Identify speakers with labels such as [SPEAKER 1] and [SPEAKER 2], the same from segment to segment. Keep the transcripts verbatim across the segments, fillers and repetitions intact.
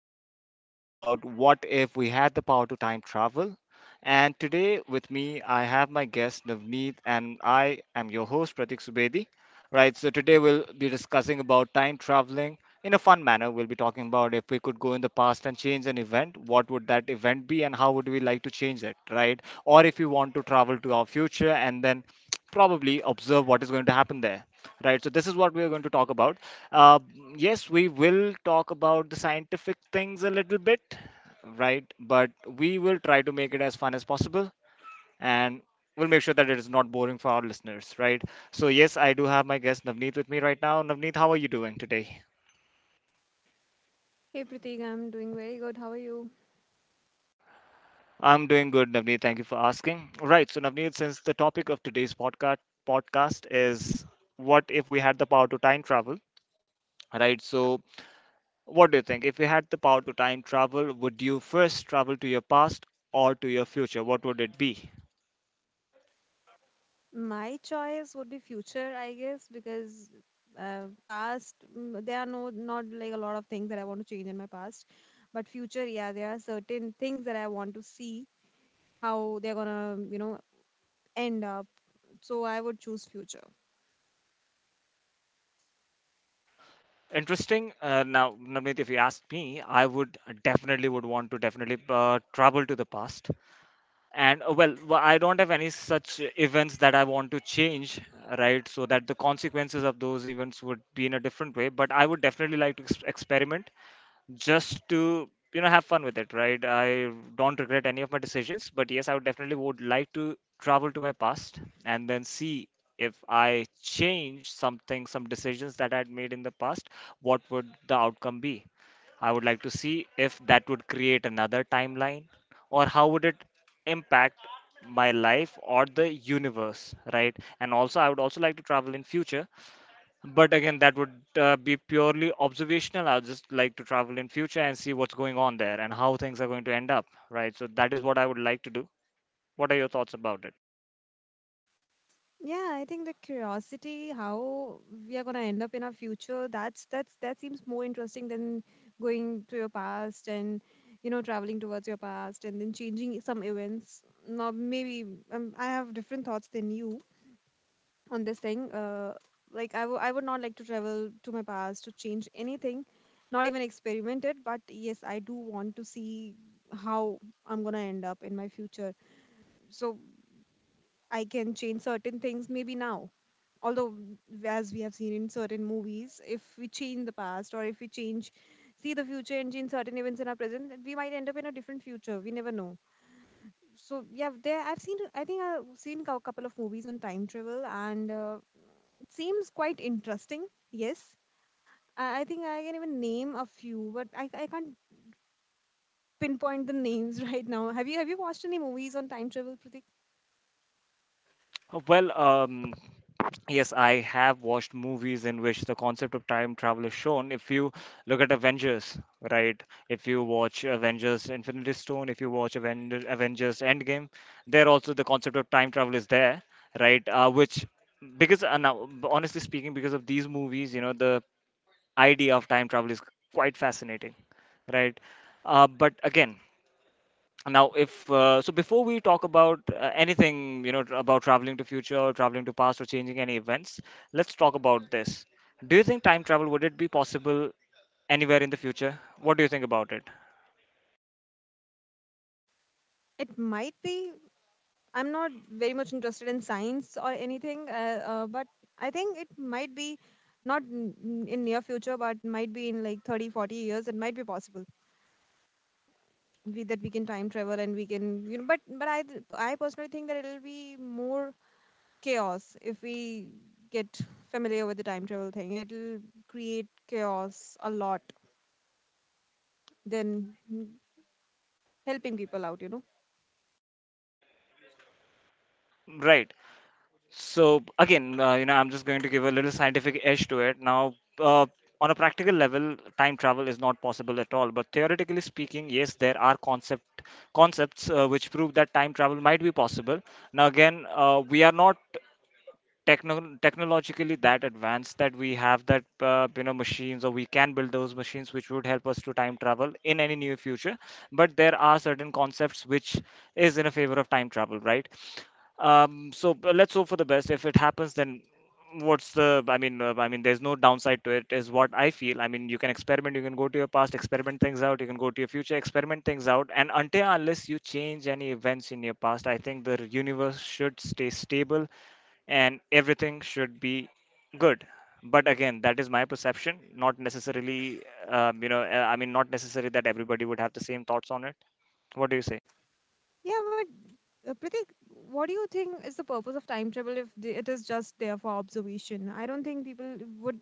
[SPEAKER 1] going to discuss about what if we had the power to time travel. And today with me I have my guest Navneet and I am your host Pratik Subedi. Right, so today we'll be discussing about time traveling in a fun manner. We'll be talking about if we could go in the past and change an event, what would that event be and how would we like to change it, right? Or if we want to travel to our future and then probably observe what is going to happen there, right? So this is what we are going to talk about. uh, yes, we will talk about the scientific things a little bit, right? But we will try to make it as fun as possible, and we'll make sure that it is not boring for our listeners, right? So, yes, I do have my guest Navneet with me right now. Navneet, how are you doing today?
[SPEAKER 2] Hey Pratik, I'm doing very good. How are you?
[SPEAKER 1] I'm doing good, Navneet. Thank you for asking. Right. So, Navneet, since the topic of today's podcast podcast is what if we had the power to time travel, right? So, what do you think? If you had the power to time travel, would you first travel to your past or to your future? What would it be?
[SPEAKER 2] My choice would be future, I guess, because uh, past mm, there are no not like a lot of things that I want to change in my past, but future, yeah, there are certain things that I want to see how they're gonna, you know, end up. So I would choose future.
[SPEAKER 1] Interesting. Uh, now, Navneet, if you asked me, I would definitely would want to definitely uh, travel to the past. And uh, well, wh- I don't have any such events that I want to change, right? So that the consequences of those events would be in a different way. But I would definitely like to ex- experiment just to, you know, have fun with it, right? I don't regret any of my decisions, but yes, I would definitely would like to travel to my past and then see if I change something, some decisions that I'd made in the past, what would the outcome be. I would like to see if that would create another timeline or how would it impact my life or the universe, right? And also I would also like to travel in future, but again, that would uh, be purely observational. I'll just like to travel in future and see what's going on there and how things are going to end up, right? So that is what I would like to do. What are your thoughts about it?
[SPEAKER 2] Yeah, I think the curiosity how we are gonna end up in our future, that's that's that seems more interesting than going to your past and you know traveling towards your past and then changing some events. Now maybe um, I have different thoughts than you on this thing. Uh, like I w I would not like to travel to my past to change anything, not even experiment it. But yes, I do want to see how I'm gonna end up in my future, so I can change certain things maybe now, although w- as we have seen in certain movies, if we change the past, or if we change see the future and change certain events in our present, we might end up in a different future, we never know. So yeah, there i've seen I think I've seen a couple of movies on time travel, and uh, it seems quite interesting. Yes, i I think I can even name a few, but i, I can't pinpoint the names right now. Have you have you watched any movies on time travel, Pratik?
[SPEAKER 1] Uh, well um yes, I have watched movies in which the concept of time travel is shown. If you look at Avengers, right? If you watch Avengers Infinity Stone, if you watch Aven- Avengers Endgame, there also the concept of time travel is there, right? Uh, which because uh, now, honestly speaking, because of these movies, you know, the idea of time travel is quite fascinating, right? Uh, but again, now if uh, so, before we talk about uh, anything, you know, tr- about traveling to future, or traveling to past, or changing any events, let's talk about this. Do you think time travel would it be possible anywhere in the future? What do you think about it?
[SPEAKER 2] It might be. I'm not very much interested in science or anything, uh, uh, but I think it might be, not n- n- in near future, but might be in like thirty, forty years. It might be possible we, that we can time travel and we can, you know. But but I th- I personally think that it'll be more chaos if we get familiar with the time travel thing. It'll create chaos a lot than mm, helping people out, you know.
[SPEAKER 1] Right. So again, uh, you know, I'm just going to give a little scientific edge to it. Now, uh, on a practical level, time travel is not possible at all. But theoretically speaking, yes, there are concept concepts uh, which prove that time travel might be possible. Now, again, uh, we are not techno- technologically that advanced that we have that, uh, you know, machines, or we can build those machines which would help us to time travel in any near future. But there are certain concepts which is in a favor of time travel, right? Um, so, but let's hope for the best. If it happens, then what's the, i mean uh, I mean, there's no downside to it is what I feel. I mean, you can experiment, you can go to your past, experiment things out, you can go to your future, experiment things out, and until unless you change any events in your past, I think the universe should stay stable and everything should be good. But again, that is my perception, not necessarily, um, you know, uh, I mean, not necessarily that everybody would have the same thoughts on it. What do you say?
[SPEAKER 2] Yeah. Uh, Pratik, what do you think is the purpose of time travel if the, it is just there for observation? I don't think people would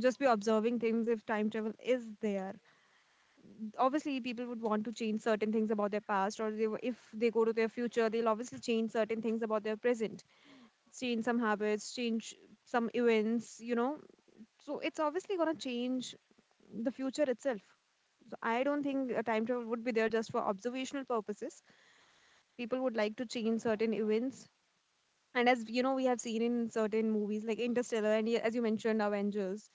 [SPEAKER 2] just be observing things if time travel is there. Obviously, people would want to change certain things about their past, or they, w- if they go to their future, they'll obviously change certain things about their present, change some habits, change some events, you know. So it's obviously going to change the future itself. So I don't think a time travel would be there just for observational purposes. People would like to change certain events. And as you know, we have seen in certain movies like Interstellar and y- as you mentioned, Avengers,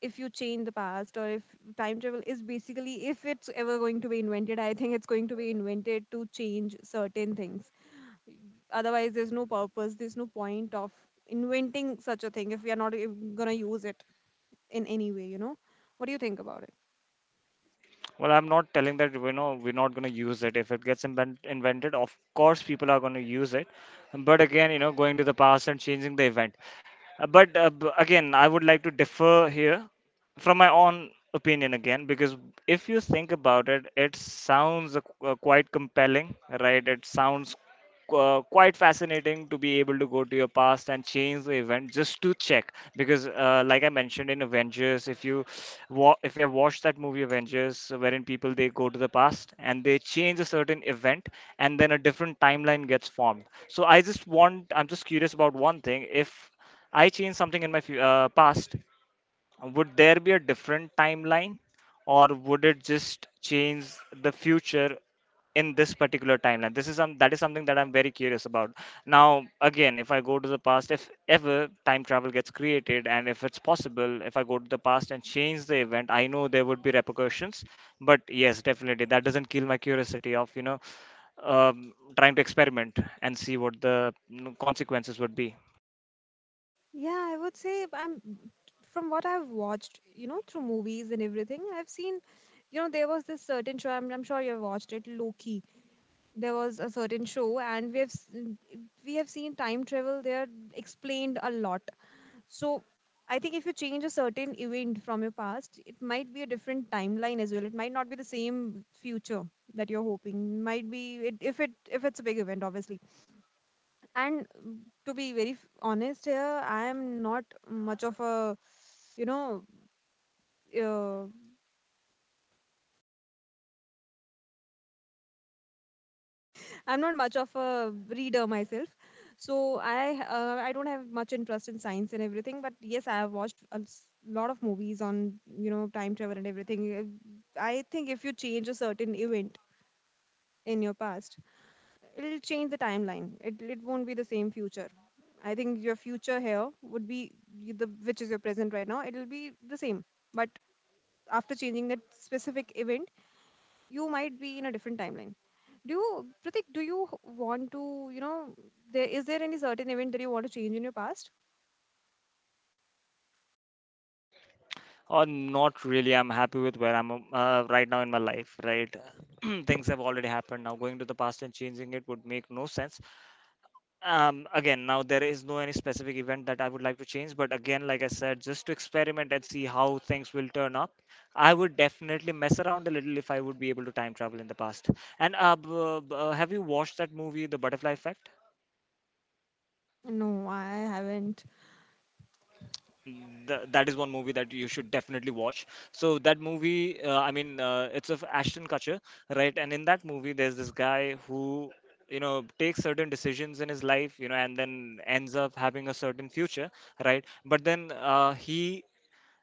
[SPEAKER 2] if you change the past, or if time travel is basically, if it's ever going to be invented, I think it's going to be invented to change certain things. Otherwise, there's no purpose, there's no point of inventing such a thing if we are not going to use it in any way, you know? What do you think about it?
[SPEAKER 1] Well, I'm not telling that, you know, we're not going to use it. If it gets invent- invented, of course people are going to use it. But again, you know, going to the past and changing the event. Uh, but uh, b- again, I would like to differ here from my own opinion again, because if you think about it, it sounds uh, qu- uh, quite compelling, right? It sounds qu- quite fascinating to be able to go to your past and change the event just to check, because uh, like I mentioned in Avengers, if you wa- if you have watched that movie Avengers, wherein people, they go to the past and they change a certain event, and then a different timeline gets formed. So I just want, I'm just curious about one thing. If I change something in my fu- uh, past, would there be a different timeline, or would it just change the future in this particular timeline? This is some, that is something that I'm very curious about now. Again, if I go to the past, if ever time travel gets created and if it's possible, if I go to the past and change the event, I know there would be repercussions. But yes, definitely that doesn't kill my curiosity of, you know, um, trying to experiment and see what the, you consequences would be.
[SPEAKER 2] Yeah, I would say I'm from what I've watched, you know, through movies and everything, I've seen, you know, there was this certain show, I'm, I'm sure you've watched it, Loki. There was a certain show and we have s- we have seen time travel there explained a lot. So I think if you change a certain event from your past, it might be a different timeline as well, it might not be the same future that you're hoping might be it, if it if it's a big event obviously. And mm, to be very f- honest here, I am not much of a. you know uh, I'm not much of a reader myself, so I uh, I don't have much interest in science and everything. But yes, I have watched a s- lot of movies on you know time travel and everything. Uh, I think if you change a certain event in your past, it'll change the timeline. It it won't be the same future. I think your future here would be y- the which is your present right now. It'll be the same, but after changing that specific event, you might be in a different timeline. Do you, Pratik, do you h- want to, you know, there is there any certain event that you want to change in your past?
[SPEAKER 1] Or not really, I'm happy with where I'm uh, right now in my life, right? Things have already happened. Now going to the past and changing it would make no sense. Um again, now there is no any specific event that I would like to change, but again, like I said, just to experiment and see how things will turn up, I would definitely mess around a little if I would be able to time travel in the past. And uh, b- b- uh, have you watched that movie The Butterfly Effect?
[SPEAKER 2] No, I haven't.
[SPEAKER 1] Th- that is one movie that you should definitely watch. So that movie, uh, I mean, uh, it's of Ashton Kutcher, right? And in that movie, there's this guy who, you know, takes certain decisions in his life, you know, and then ends up having a certain future, right? But then uh, he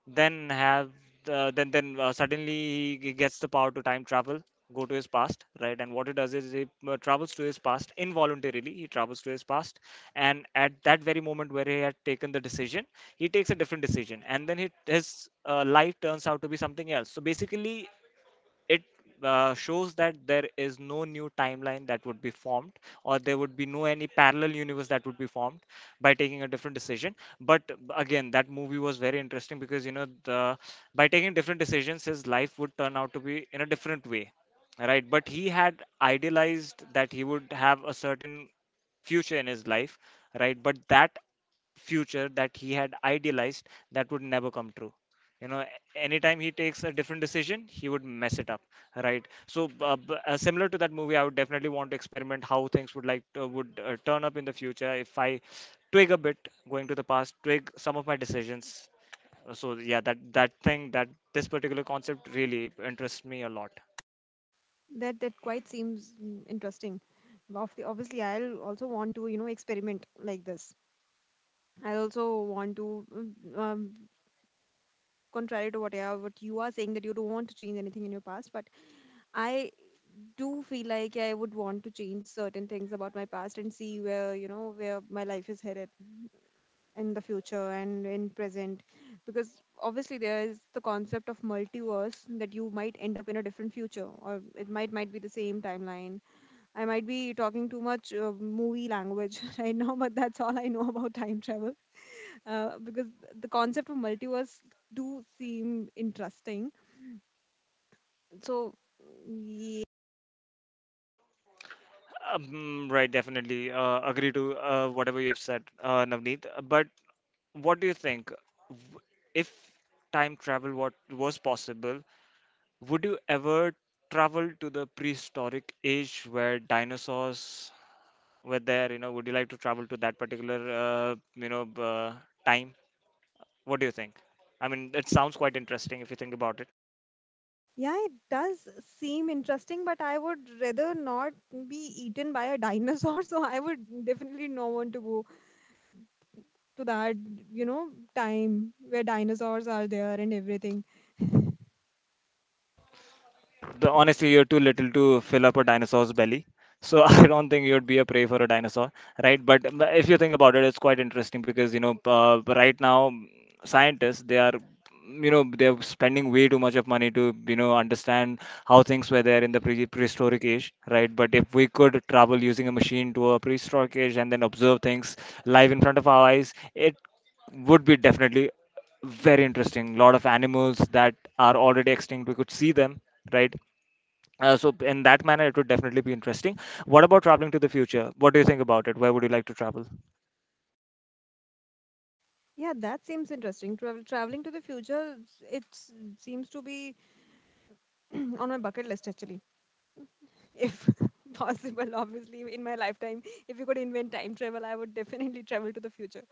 [SPEAKER 1] then have uh, then then uh, suddenly he gets the power to time travel, go to his past, right? And what he does is he uh, travels to his past, involuntarily he travels to his past, and at that very moment where he had taken the decision, he takes a different decision, and then he, his uh, life turns out to be something else. So basically, it uh, shows that there is no new timeline that would be formed, or there would be no any parallel universe that would be formed by taking a different decision. But again, that movie was very interesting because, you know, the, by taking different decisions, his life would turn out to be in a different way, right? But he had idealized that he would have a certain future in his life, right? But that future that he had idealized, that would never come true. You know, a- anytime he takes a different decision, he would mess it up, right? So uh, b- uh, similar to that movie, I would definitely want to experiment how things would like to, would uh, turn up in the future if I twig a bit, going to the past, twig some of my decisions. Uh, so yeah, that, that thing, that this particular concept really interests me a lot.
[SPEAKER 2] That that quite seems mm, interesting. Obvi- Obviously, I'll also want to, you know, experiment like this. I also want to, mm, um, contrary to what I, what you are saying, that you don't want to change anything in your past, but I do feel like I would want to change certain things about my past and see where, you know, where my life is headed in the future and in present. Because obviously there is the concept of multiverse, that you might end up in a different future, or it might might be the same timeline. I might be talking too much uh, movie language right now, but that's all I know about time travel, uh, because the concept of multiverse do seem interesting, so.
[SPEAKER 1] um, right, definitely uh, agree to uh, whatever you have said, uh, Navneet. But what do you think, w- if time travel what was possible, would you ever travel to the prehistoric age where dinosaurs were there? You know, would you like to travel to that particular uh, you know uh, time? What do you think? I mean, it sounds quite interesting if you think about it.
[SPEAKER 2] Yeah, it does seem interesting, but I would rather not be eaten by a dinosaur, so I would definitely not want to go to that, you know, time where dinosaurs are there and everything.
[SPEAKER 1] The, honestly, you're too little to fill up a dinosaur's belly. So I don't think you'd be a prey for a dinosaur, right? But um, if you think about it, it's quite interesting because, you know, uh, right now, mm, scientists, they are, you know, they're spending way too much of money to, you know, understand how things were there in the pre prehistoric age, right? But if we could travel using a machine to a prehistoric age and then observe things live in front of our eyes, it would be definitely very interesting. Lot of animals that are already extinct, we could see them, right? Uh, so in that manner, it would definitely be interesting. What about traveling to the future? What do you think about it? Where would you like to travel?
[SPEAKER 2] Yeah, that seems interesting. Travel traveling to the future, s- it s- seems to be on my bucket list actually, if possible. Obviously, in my lifetime, if you could invent time travel, I would definitely travel to the future.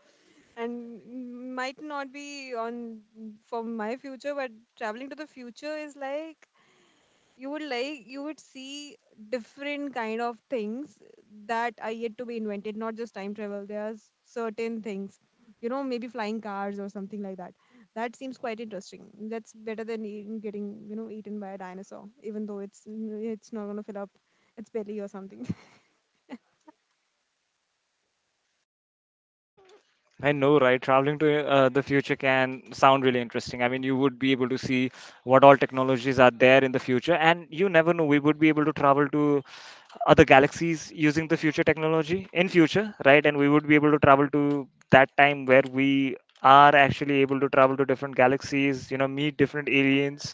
[SPEAKER 2] And mm, might not be on for my future, but traveling to the future is like you would like you would see different kind of things that are yet to be invented. Not just time travel, there are certain things you know maybe flying cars or something like that. That seems quite interesting. That's better than eating, getting you know eaten by a dinosaur, even though it's it's not going to fill up its belly or something
[SPEAKER 1] I know, right? Traveling to uh, the future can sound really interesting. I mean, you would be able to see what all technologies are there in the future, and you never know. We would be able to travel to other galaxies using the future technology in future, right? And we would be able to travel to that time where we are actually able to travel to different galaxies. You know, meet different aliens,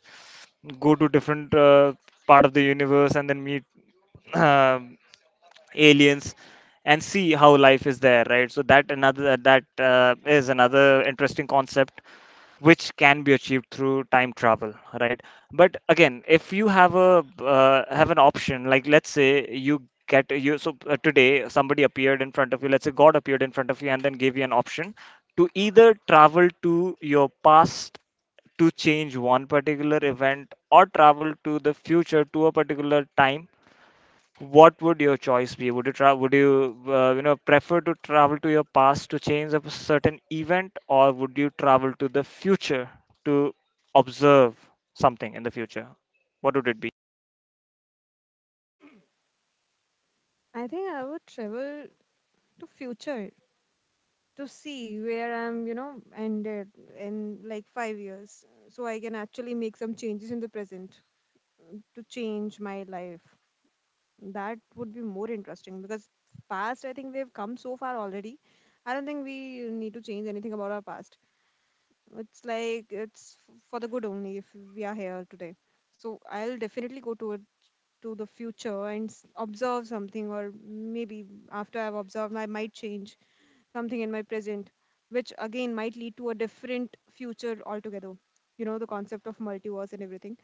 [SPEAKER 1] go to different uh, part of the universe, and then meet um, aliens, and see how life is there, right? So that another that uh, is another interesting concept which can be achieved through time travel, right? But again, if you have a uh, have an option, like let's say you get you so uh, today somebody appeared in front of you, let's say god appeared in front of you and then gave you an option to either travel to your past to change one particular event, or travel to the future to a particular time. What would your choice be? Would you tra- would you uh, you know, prefer to travel to your past to change a certain event, or would you travel to the future to observe something in the future? What would it be?
[SPEAKER 2] I think I would travel to future to see where I'm you know ended in like five years, so I can actually make some changes in the present to change my life. That would be more interesting, because past, I think we've come so far already. I don't think we need to change anything about our past. It's like it's f- for the good only if we are here today. So I'll definitely go to it to the future and s- observe something, or maybe after I've observed, I might change something in my present, which again might lead to a different future altogether. You know, the concept of multiverse and everything.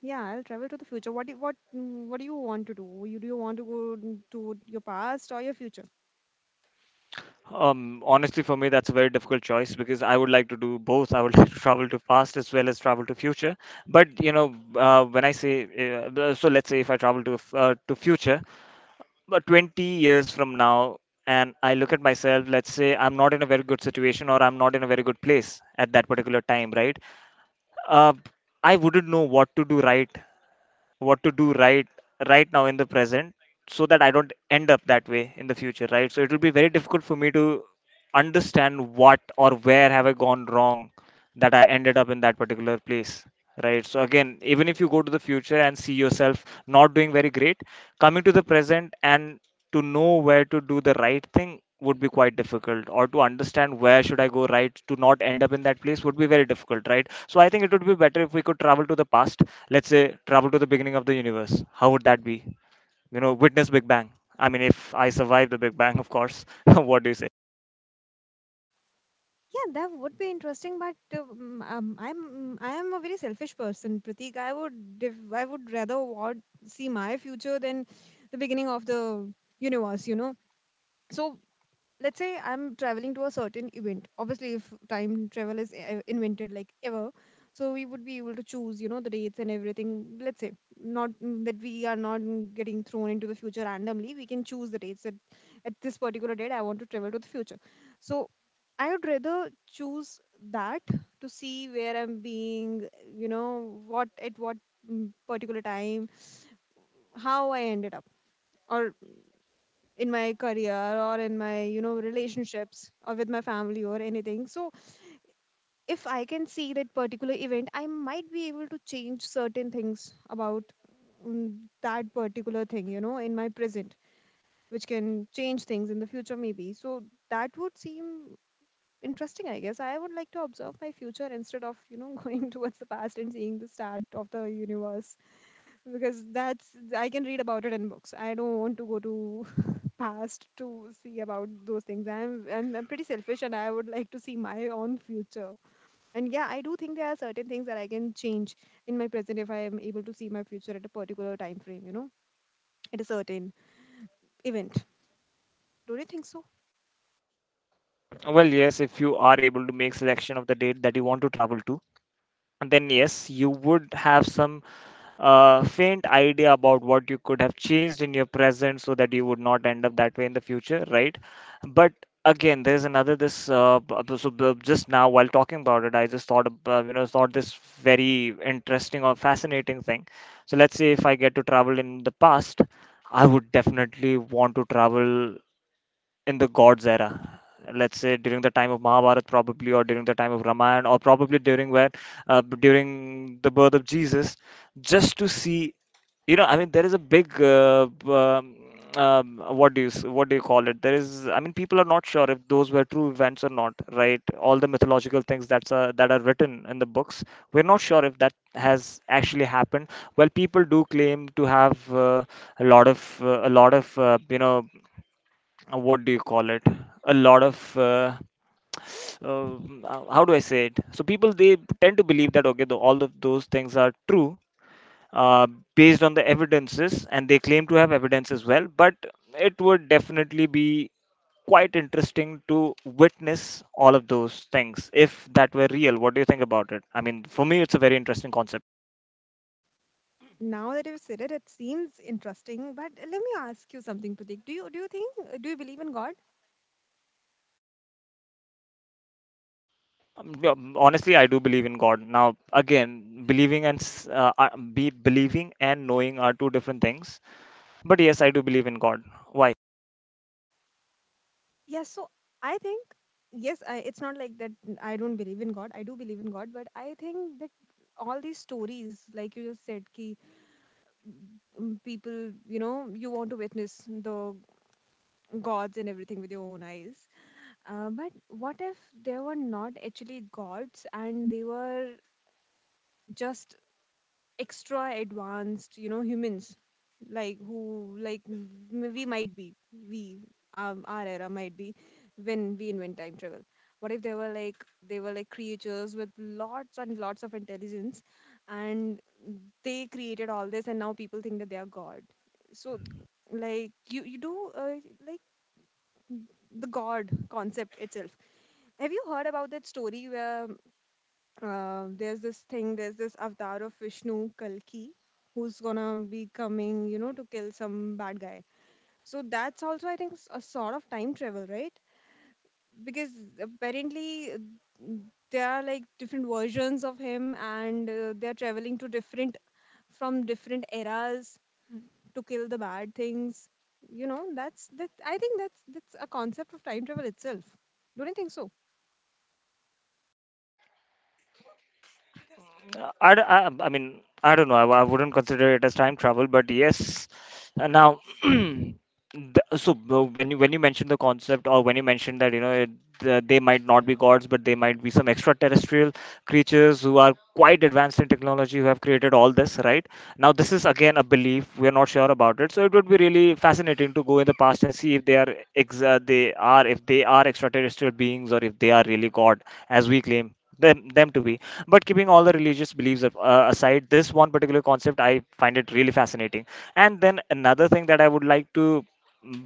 [SPEAKER 2] Yeah, I'll travel to the future. What do what mm, what do you want to do? You do you want to go n- to your past or your future?
[SPEAKER 1] Um, honestly, for me, that's a very difficult choice because I would like to do both. I would like to travel to past as well as travel to future. But you know, uh, when I say uh, so, let's say if I travel to f- uh, to future, but twenty years from now and I look at myself, let's say I'm not in a very good situation, or I'm not in a very good place at that particular time, right? uh, I wouldn't know what to do, right? What to do right right now in the present, so that I don't end up that way in the future, right? So it will be very difficult for me to understand what or where have I gone wrong that I ended up in that particular place. Right. So again, even if you go to the future and see yourself not doing very great, coming to the present and to know where to do the right thing would be quite difficult, or to understand where should I go right to not end up in that place would be very difficult, right? So I think it would be better if we could travel to the past. Let's say travel to the beginning of the universe, how would that be? You know, witness big bang. I mean, if I survive the big bang, of course. What do you say?
[SPEAKER 2] Yeah, that would be interesting. But uh, mm, um, I'm mm, I am a very selfish person, Pratik. I would def- I would rather want see my future than the beginning of the universe. You know. So let's say I'm traveling to a certain event. Obviously, if time travel is e- invented like ever, so we would be able to choose you know the dates and everything. Let's say not mm, that we are not mm, getting thrown into the future randomly, we can choose the dates, that at this particular date I want to travel to the future. So I would rather choose that, to see where I'm being, you know what at what mm, particular time, how I ended up, or in my career, or in my you know relationships, or with my family, or anything. So if I can see that particular event, I might be able to change certain things about mm, that particular thing, you know in my present, which can change things in the future maybe. So that would seem interesting, I guess. I would like to observe my future, instead of you know going towards the past and seeing the start of the universe, because that's I can read about it in books. I don't want to go to past to see about those things. I'm, I'm I'm pretty selfish and I would like to see my own future. And yeah, I do think there are certain things that I can change in my present if I am able to see my future at a particular time frame, you know, at a certain event. Don't you think so?
[SPEAKER 1] Well, yes, if you are able to make selection of the date that you want to travel to, and then yes, you would have some uh, faint idea about what you could have changed in your present so that you would not end up that way in the future, right? But again, there's another this. Uh, b- b- so b- just now while talking about it, I just thought ab- uh, you know, thought this very interesting or fascinating thing. So let's say if I get to travel in the past, I would definitely want to travel in the gods era, let's say during the time of mahabharat probably, or during the time of ramayana, or probably during where uh, during the birth of jesus, just to see, you know. I mean, there is a big uh, b- um, um, what do you s- what do you call it, there is, I mean, people are not sure if those were true events or not, right? All the mythological things that's uh, that are written in the books, we're not sure if that has actually happened. Well, people do claim to have uh, a lot of uh, a lot of uh, you know, uh, what do you call it, a lot of uh, uh, how do I say it. So people, they tend to believe that okay, the, all of those things are true, uh, based on the evidences, and they claim to have evidence as well. But it would definitely be quite interesting to witness all of those things if that were real. What do you think about it? I mean, for me it's a very interesting concept.
[SPEAKER 2] Now that you've said it, it seems interesting. But let me ask you something, Pratik. Do you do you think do you believe in God?
[SPEAKER 1] Um, yeah, honestly, I do believe in god. Now again, believing and s- uh, uh, be believing and knowing are two different things. But yes, I do believe in God. Why?
[SPEAKER 2] Yes. So I think yes. I, it's not like that. I don't believe in God. I do believe in God, but I think that all these stories, like you just said, ki um, people you know you want to witness the gods and everything with your own eyes. Uh, but what if there were not actually gods and they were just extra advanced you know humans, like who like m- we might be. We um, Our era might be when we invent time travel. What if they were like, they were like creatures with lots and lots of intelligence, and they created all this and now people think that they are god? So like you you do, uh, like the god concept itself. Have you heard about that story where, uh, there's this thing, there's this avatar of Vishnu, Kalki, who's gonna be coming you know to kill some bad guy? So that's also I think s- a sort of time travel, right? Because apparently, uh, there are like different versions of him, and uh, they're traveling to different, from different eras to kill the bad things, you know that's that, I think that's that's a concept of time travel itself. Don't you think so?
[SPEAKER 1] Uh, I, d- I, I mean, I don't know. I, I wouldn't consider it as time travel, but yes. Uh, now, the, so uh, when you when you mentioned the concept, or when you mentioned that, you know it, the, they might not be gods, but they might be some extraterrestrial creatures who are quite advanced in technology, who have created all this, right? Now, this is again a belief. We are not sure about it, so it would be really fascinating to go in the past and see if they are ex- uh, they are if they are extraterrestrial beings, or if they are really god as we claim them them to be. But keeping all the religious beliefs a- uh, aside, this one particular concept I find it really fascinating. And then another thing that I would like to mm,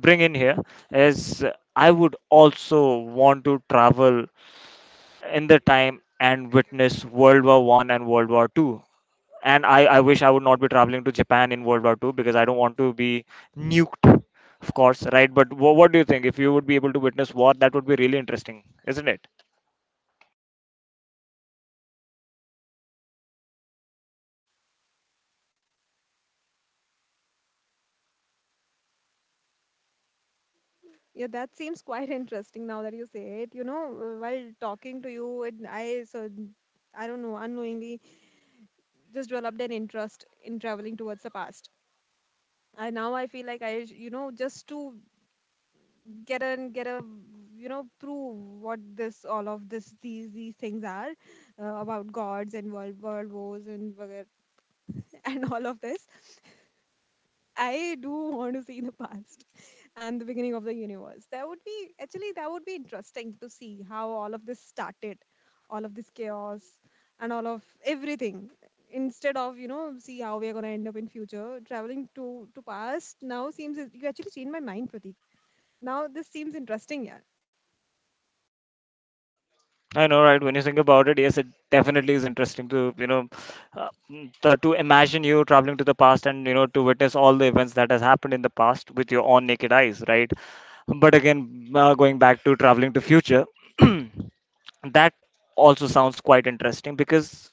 [SPEAKER 1] bring in here is, uh, I would also want to travel in the time and witness World War One and World War Two. And I, I wish I would not be traveling to Japan in World War Two, because I don't want to be nuked, of course, right? But wha what do you think? If you would be able to witness war, that would be really interesting, isn't it?
[SPEAKER 2] Yeah, that seems quite interesting now that you say it, you know uh, while talking to you, and I, so I don't know, unknowingly just developed an interest in traveling towards the past. I now I feel like i sh- you know just to get and get a you know prove what this, all of this, these these things are uh, about gods and world world wars and whatever- and all of this, I do want to see the past and the beginning of the universe. That would be actually, that would be interesting to see how all of this started, all of this chaos and all of everything. Instead of, you know, see how we are gonna end up in future, traveling to to past now seems, you actually changed my mind, Pratik. Now this seems interesting, yeah.
[SPEAKER 1] I know, right? When you think about it, yes, it definitely is interesting to, you know, uh, mm, to to imagine you traveling to the past and, you know, to witness all the events that has happened in the past with your own naked eyes, right? But again, uh, going back to traveling to future. That also sounds quite interesting, because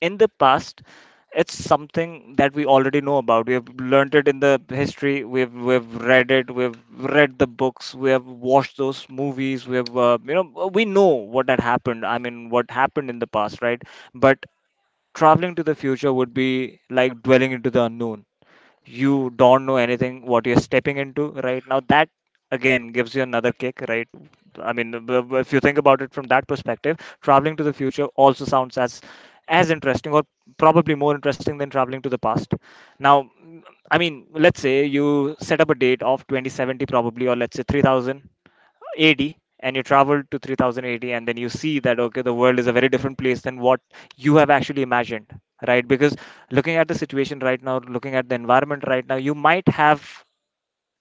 [SPEAKER 1] in the past it's something that we already know about. We have learned it in the history, we've we've read it, we've read the books, we have watched those movies, we have, uh, you know, uh, we know what had happened. I mean, what happened in the past, right? But traveling to the future would be like dwelling into the unknown. You don't know anything what you're stepping into right now. That again gives you another kick, right? I mean, b- b- if you think about it from that perspective, traveling to the future also sounds as as interesting, or probably more interesting than traveling to the past. Now, I mean, let's say you set up a date of twenty seventy probably, or let's say three thousand A D, and you travel to three thousand eighty, and then you see that okay, the world is a very different place than what you have actually imagined, right? Because looking at the situation right now, looking at the environment right now, you might have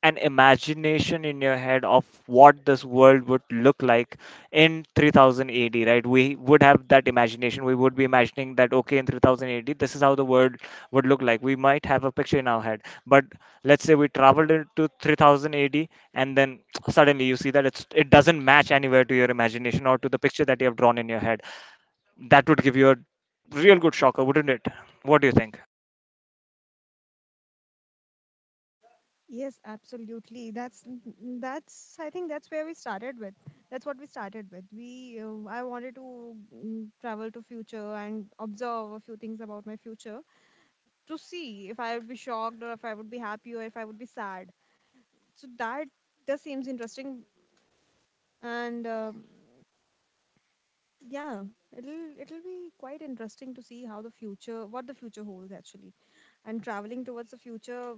[SPEAKER 1] an imagination in your head of what this world would look like in three thousand A D, right? We would have that imagination. We would be imagining that, okay, in three thousand A D, this is how the world would look like. We might have a picture in our head, but let's say we traveled into three thousand A D, and then suddenly you see that it's, it doesn't match anywhere to your imagination or to the picture that you have drawn in your head. That would give you a real good shocker, wouldn't it? What do you think?
[SPEAKER 2] Yes, absolutely. That's, mm, that's, I think that's where we started with. That's what we started with. We uh, I wanted to, mm, travel to future and observe a few things about my future to see if I would be shocked or if I would be happy or if I would be sad. So that, that seems interesting, and uh, yeah, it'll it'll be quite interesting to see how the future, what the future holds actually. And traveling towards the future.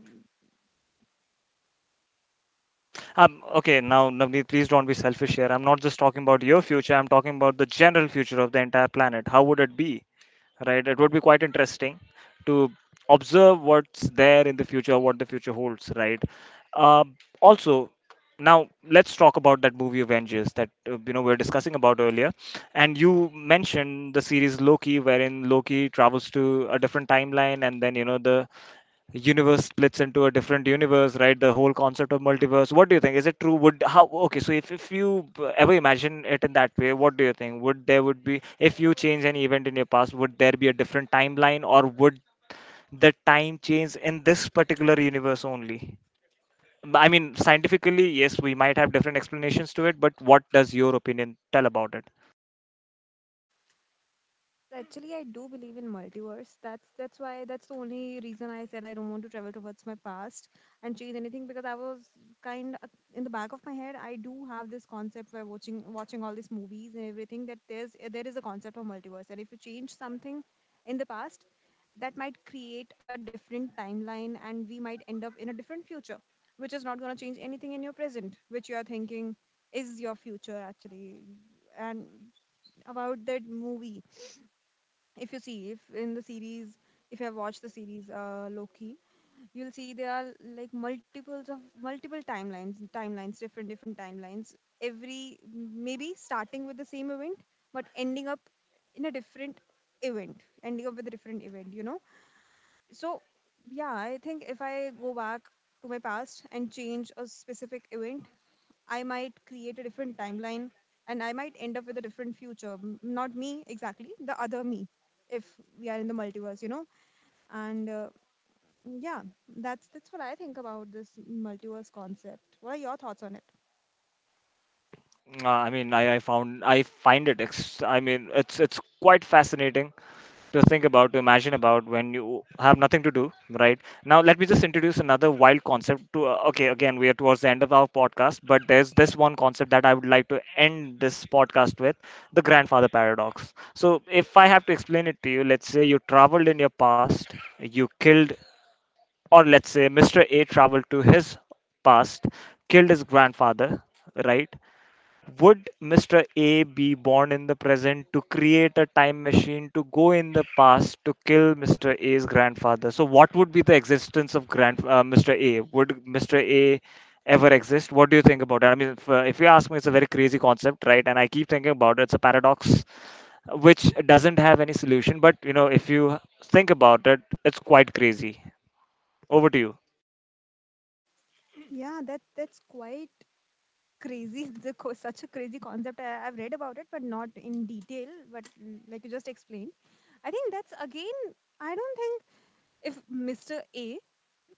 [SPEAKER 1] Um, okay, now Navneet, please don't be selfish here. I'm not just talking about your future. I'm talking about the general future of the entire planet. How would it be? Right? It would be quite interesting to observe what's there in the future, what the future holds. Right? Um also, Now let's talk about that movie Avengers that uh, you know we are discussing about earlier, and you mentioned the series Loki, wherein Loki travels to a different timeline, and then you know the universe splits into a different universe, right? The whole concept of multiverse, what do you think, is it true? Would how okay so if, if you b- Ever imagine it in that way, what do you think would there would be? If you change any event in your past, would there be a different timeline, or would the time change in this particular universe only? I mean, scientifically yes, we might have different explanations to it, but what does your opinion tell about it?
[SPEAKER 2] Actually, I do believe in multiverse. That's that's why, that's the only reason I said I don't want to travel towards my past and change anything because I was kind in the back of my head. I do have this concept where watching watching all these movies and everything that there's there is a concept of multiverse, and if you change something in the past, that might create a different timeline and we might end up in a different future, which is not going to change anything in your present, which you are thinking is your future actually. And about that movie, if you see, if in the series, if you have watched the series uh, Loki, you'll see there are like multiples of multiple timelines timelines, different different timelines, every maybe starting with the same event but ending up in a different event, ending up with a different event, you know so yeah, I think if I go back to my past and change a specific event, I might create a different timeline and I might end up with a different future. M- Not me exactly, the other me, if we are in the multiverse, you know? And uh, yeah, that's that's what I think about this multiverse concept. What are your thoughts on it?
[SPEAKER 1] uh, I mean I, I found i find it ex- i mean it's it's quite fascinating to think about, to imagine about when you have nothing to do, right? Now, let me just introduce another wild concept. To uh, okay, again, we are towards the end of our podcast, but there's this one concept that I would like to end this podcast with: the grandfather paradox. So, if I have to explain it to you, let's say you traveled in your past, you killed, or let's say mister A traveled to his past, killed his grandfather, right? Would mister A be born in the present to create a time machine to go in the past to kill mister A's grandfather? So, what would be the existence of grand uh, mister A? Would mister A ever exist? What do you think about it? I mean, if, uh, if you ask me, it's a very crazy concept, right? And I keep thinking about it. It's a paradox which doesn't have any solution. But you know, if you think about it, it's quite crazy. Over to you.
[SPEAKER 2] Yeah, that, that's quite crazy. The co- such a crazy concept. I, I've read about it, but not in detail. But mm, like you just explained, I think that's again. I don't think if mister A,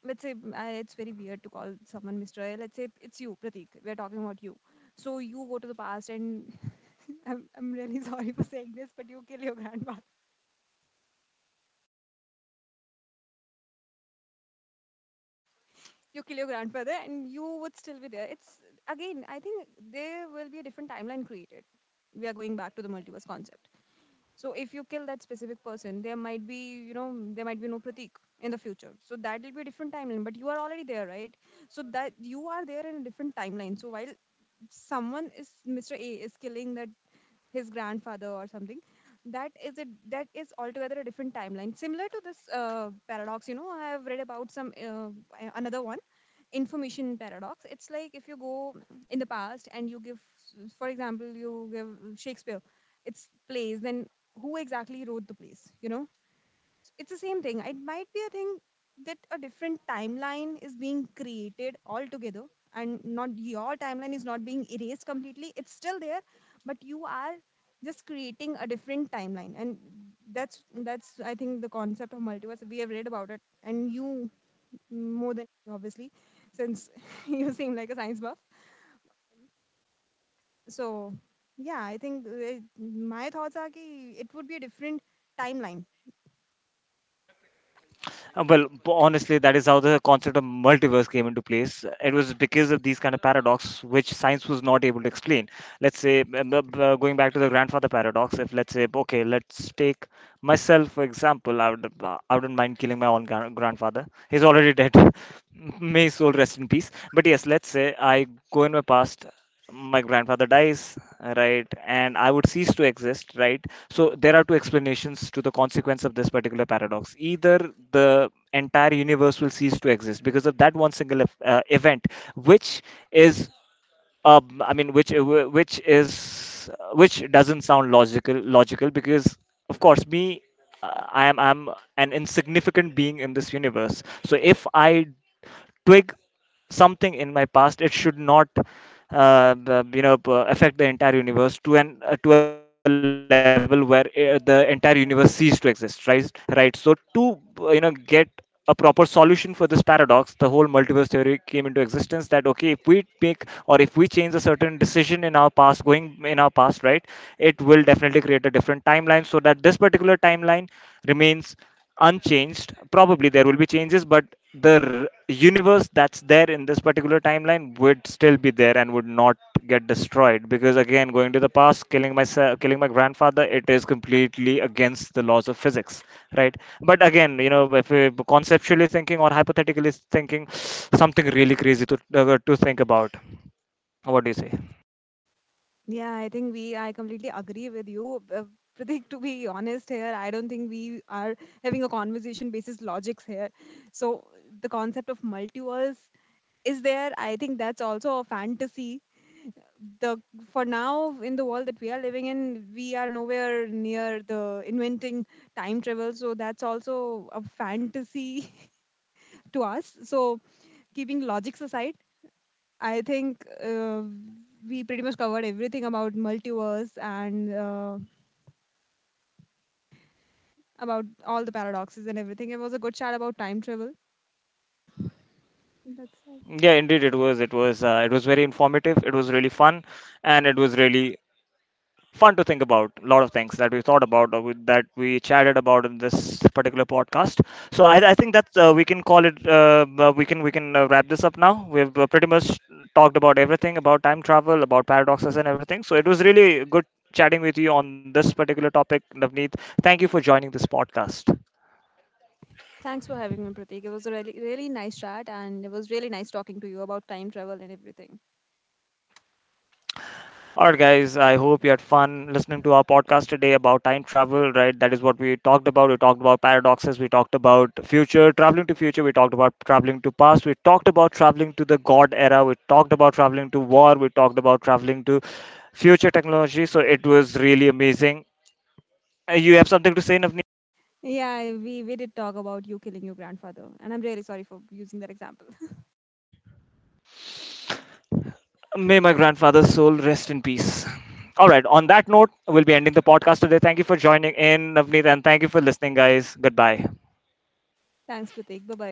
[SPEAKER 2] let's say, mm, I, it's very weird to call someone mister A. Let's say it's you, Pratik. We're talking about you. So you go to the past, and I'm I'm really sorry for saying this, but you kill your grandfather. You kill your grandfather, and you would still be there. It's again, I think there will be a different timeline created. We are going back to the multiverse concept. So if you kill that specific person, there might be, you know there might be no Pratik in the future. So that will be a different timeline. But you are already there, right? So that you are there in a different timeline. So while someone is, mister A is killing that, his grandfather or something, that is a, that is altogether a different timeline, similar to this uh, paradox. You know, I have read about some, uh, a- another one, information paradox. It's like if you go in the past and you give, for example, you give Shakespeare its plays, then who exactly wrote the plays, you know? It's the same thing. It might be a thing that a different timeline is being created altogether, and not, your timeline is not being erased completely. It's still there, but you are just creating a different timeline. And that's that's I think the concept of multiverse. We have read about it, and you more than me, obviously, since you seem like a science buff. So yeah, I think uh, my thoughts are that it would be a different timeline.
[SPEAKER 1] Uh, Well, b- honestly, that is how the concept of multiverse came into place. It was because of these kind of paradox which science was not able to explain. Let's say, b- b- b- going back to the grandfather paradox, if let's say, okay, let's take myself for example, I, would, uh, I wouldn't mind killing my own gran- grandfather. He's already dead. May his soul rest in peace. But yes, let's say I go in my past, my grandfather dies, right, and I would cease to exist, right? So there are two explanations to the consequence of this particular paradox. Either the entire universe will cease to exist because of that one single ev- uh, event which is um, I mean which which is uh, which doesn't sound logical logical because of course me, uh, I am I'm an insignificant being in this universe. So if I twig something in my past, it should not, uh, the- you know, p- affect the entire universe to an uh, to a level where uh, the entire universe cease to exist, right? Right, so to, uh, you know, get a proper solution for this paradox, the whole multiverse theory came into existence, that okay, if we make or if we change a certain decision in our past, going in our past, right, it will definitely create a different timeline so that this particular timeline remains unchanged. Probably there will be changes, but the r- universe that's there in this particular timeline would still be there and would not get destroyed, because again, going to the past, killing myself, killing my grandfather, it is completely against the laws of physics, right? But again, you know, if we conceptually thinking or hypothetically thinking, something really crazy to, uh, to think about. What do you say?
[SPEAKER 2] Yeah, I think we, I completely agree with you. Uh, Pratik, to be honest here, I don't think we are having a conversation basis logics here. So the concept of multiverse is there. I think that's also a fantasy. The, for now in the world that we are living in, we are nowhere near the inventing time travel. So that's also a fantasy to us. So keeping logics aside, I think uh, we pretty much covered everything about multiverse and uh, about all the paradoxes and everything. It was a good chat about time travel. That's.
[SPEAKER 1] Yeah, indeed, it was, it was, uh, it was very informative, it was really fun, and it was really fun to think about a lot of things that we thought about, or with- that we chatted about in this particular podcast. So i, I think that uh, we can call it, uh, uh, we can, we can uh, wrap this up now. We've uh, pretty much talked about everything about time travel, about paradoxes and everything. So it was really good chatting with you on this particular topic, Navneet. Thank you for joining this podcast.
[SPEAKER 2] Thanks for having me, Pratik. It was a really, really nice chat, and it was really nice talking to you about time travel and everything.
[SPEAKER 1] Alright, guys, I hope you had fun listening to our podcast today about time travel, right? That is what we talked about. We talked about paradoxes, we talked about future, traveling to future, we talked about traveling to past, we talked about traveling to the God era, we talked about traveling to war, we talked about traveling to future technology. So it was really amazing. Uh, You have something to say, Navneet?
[SPEAKER 2] Yeah, we we did talk about you killing your grandfather, and I'm really sorry for using that example.
[SPEAKER 1] May my grandfather's soul rest in peace. All right, on that note, we'll be ending the podcast today. Thank you for joining in, Navneet, and thank you for listening, guys. Goodbye.
[SPEAKER 2] Thanks, Pratik. Bye bye.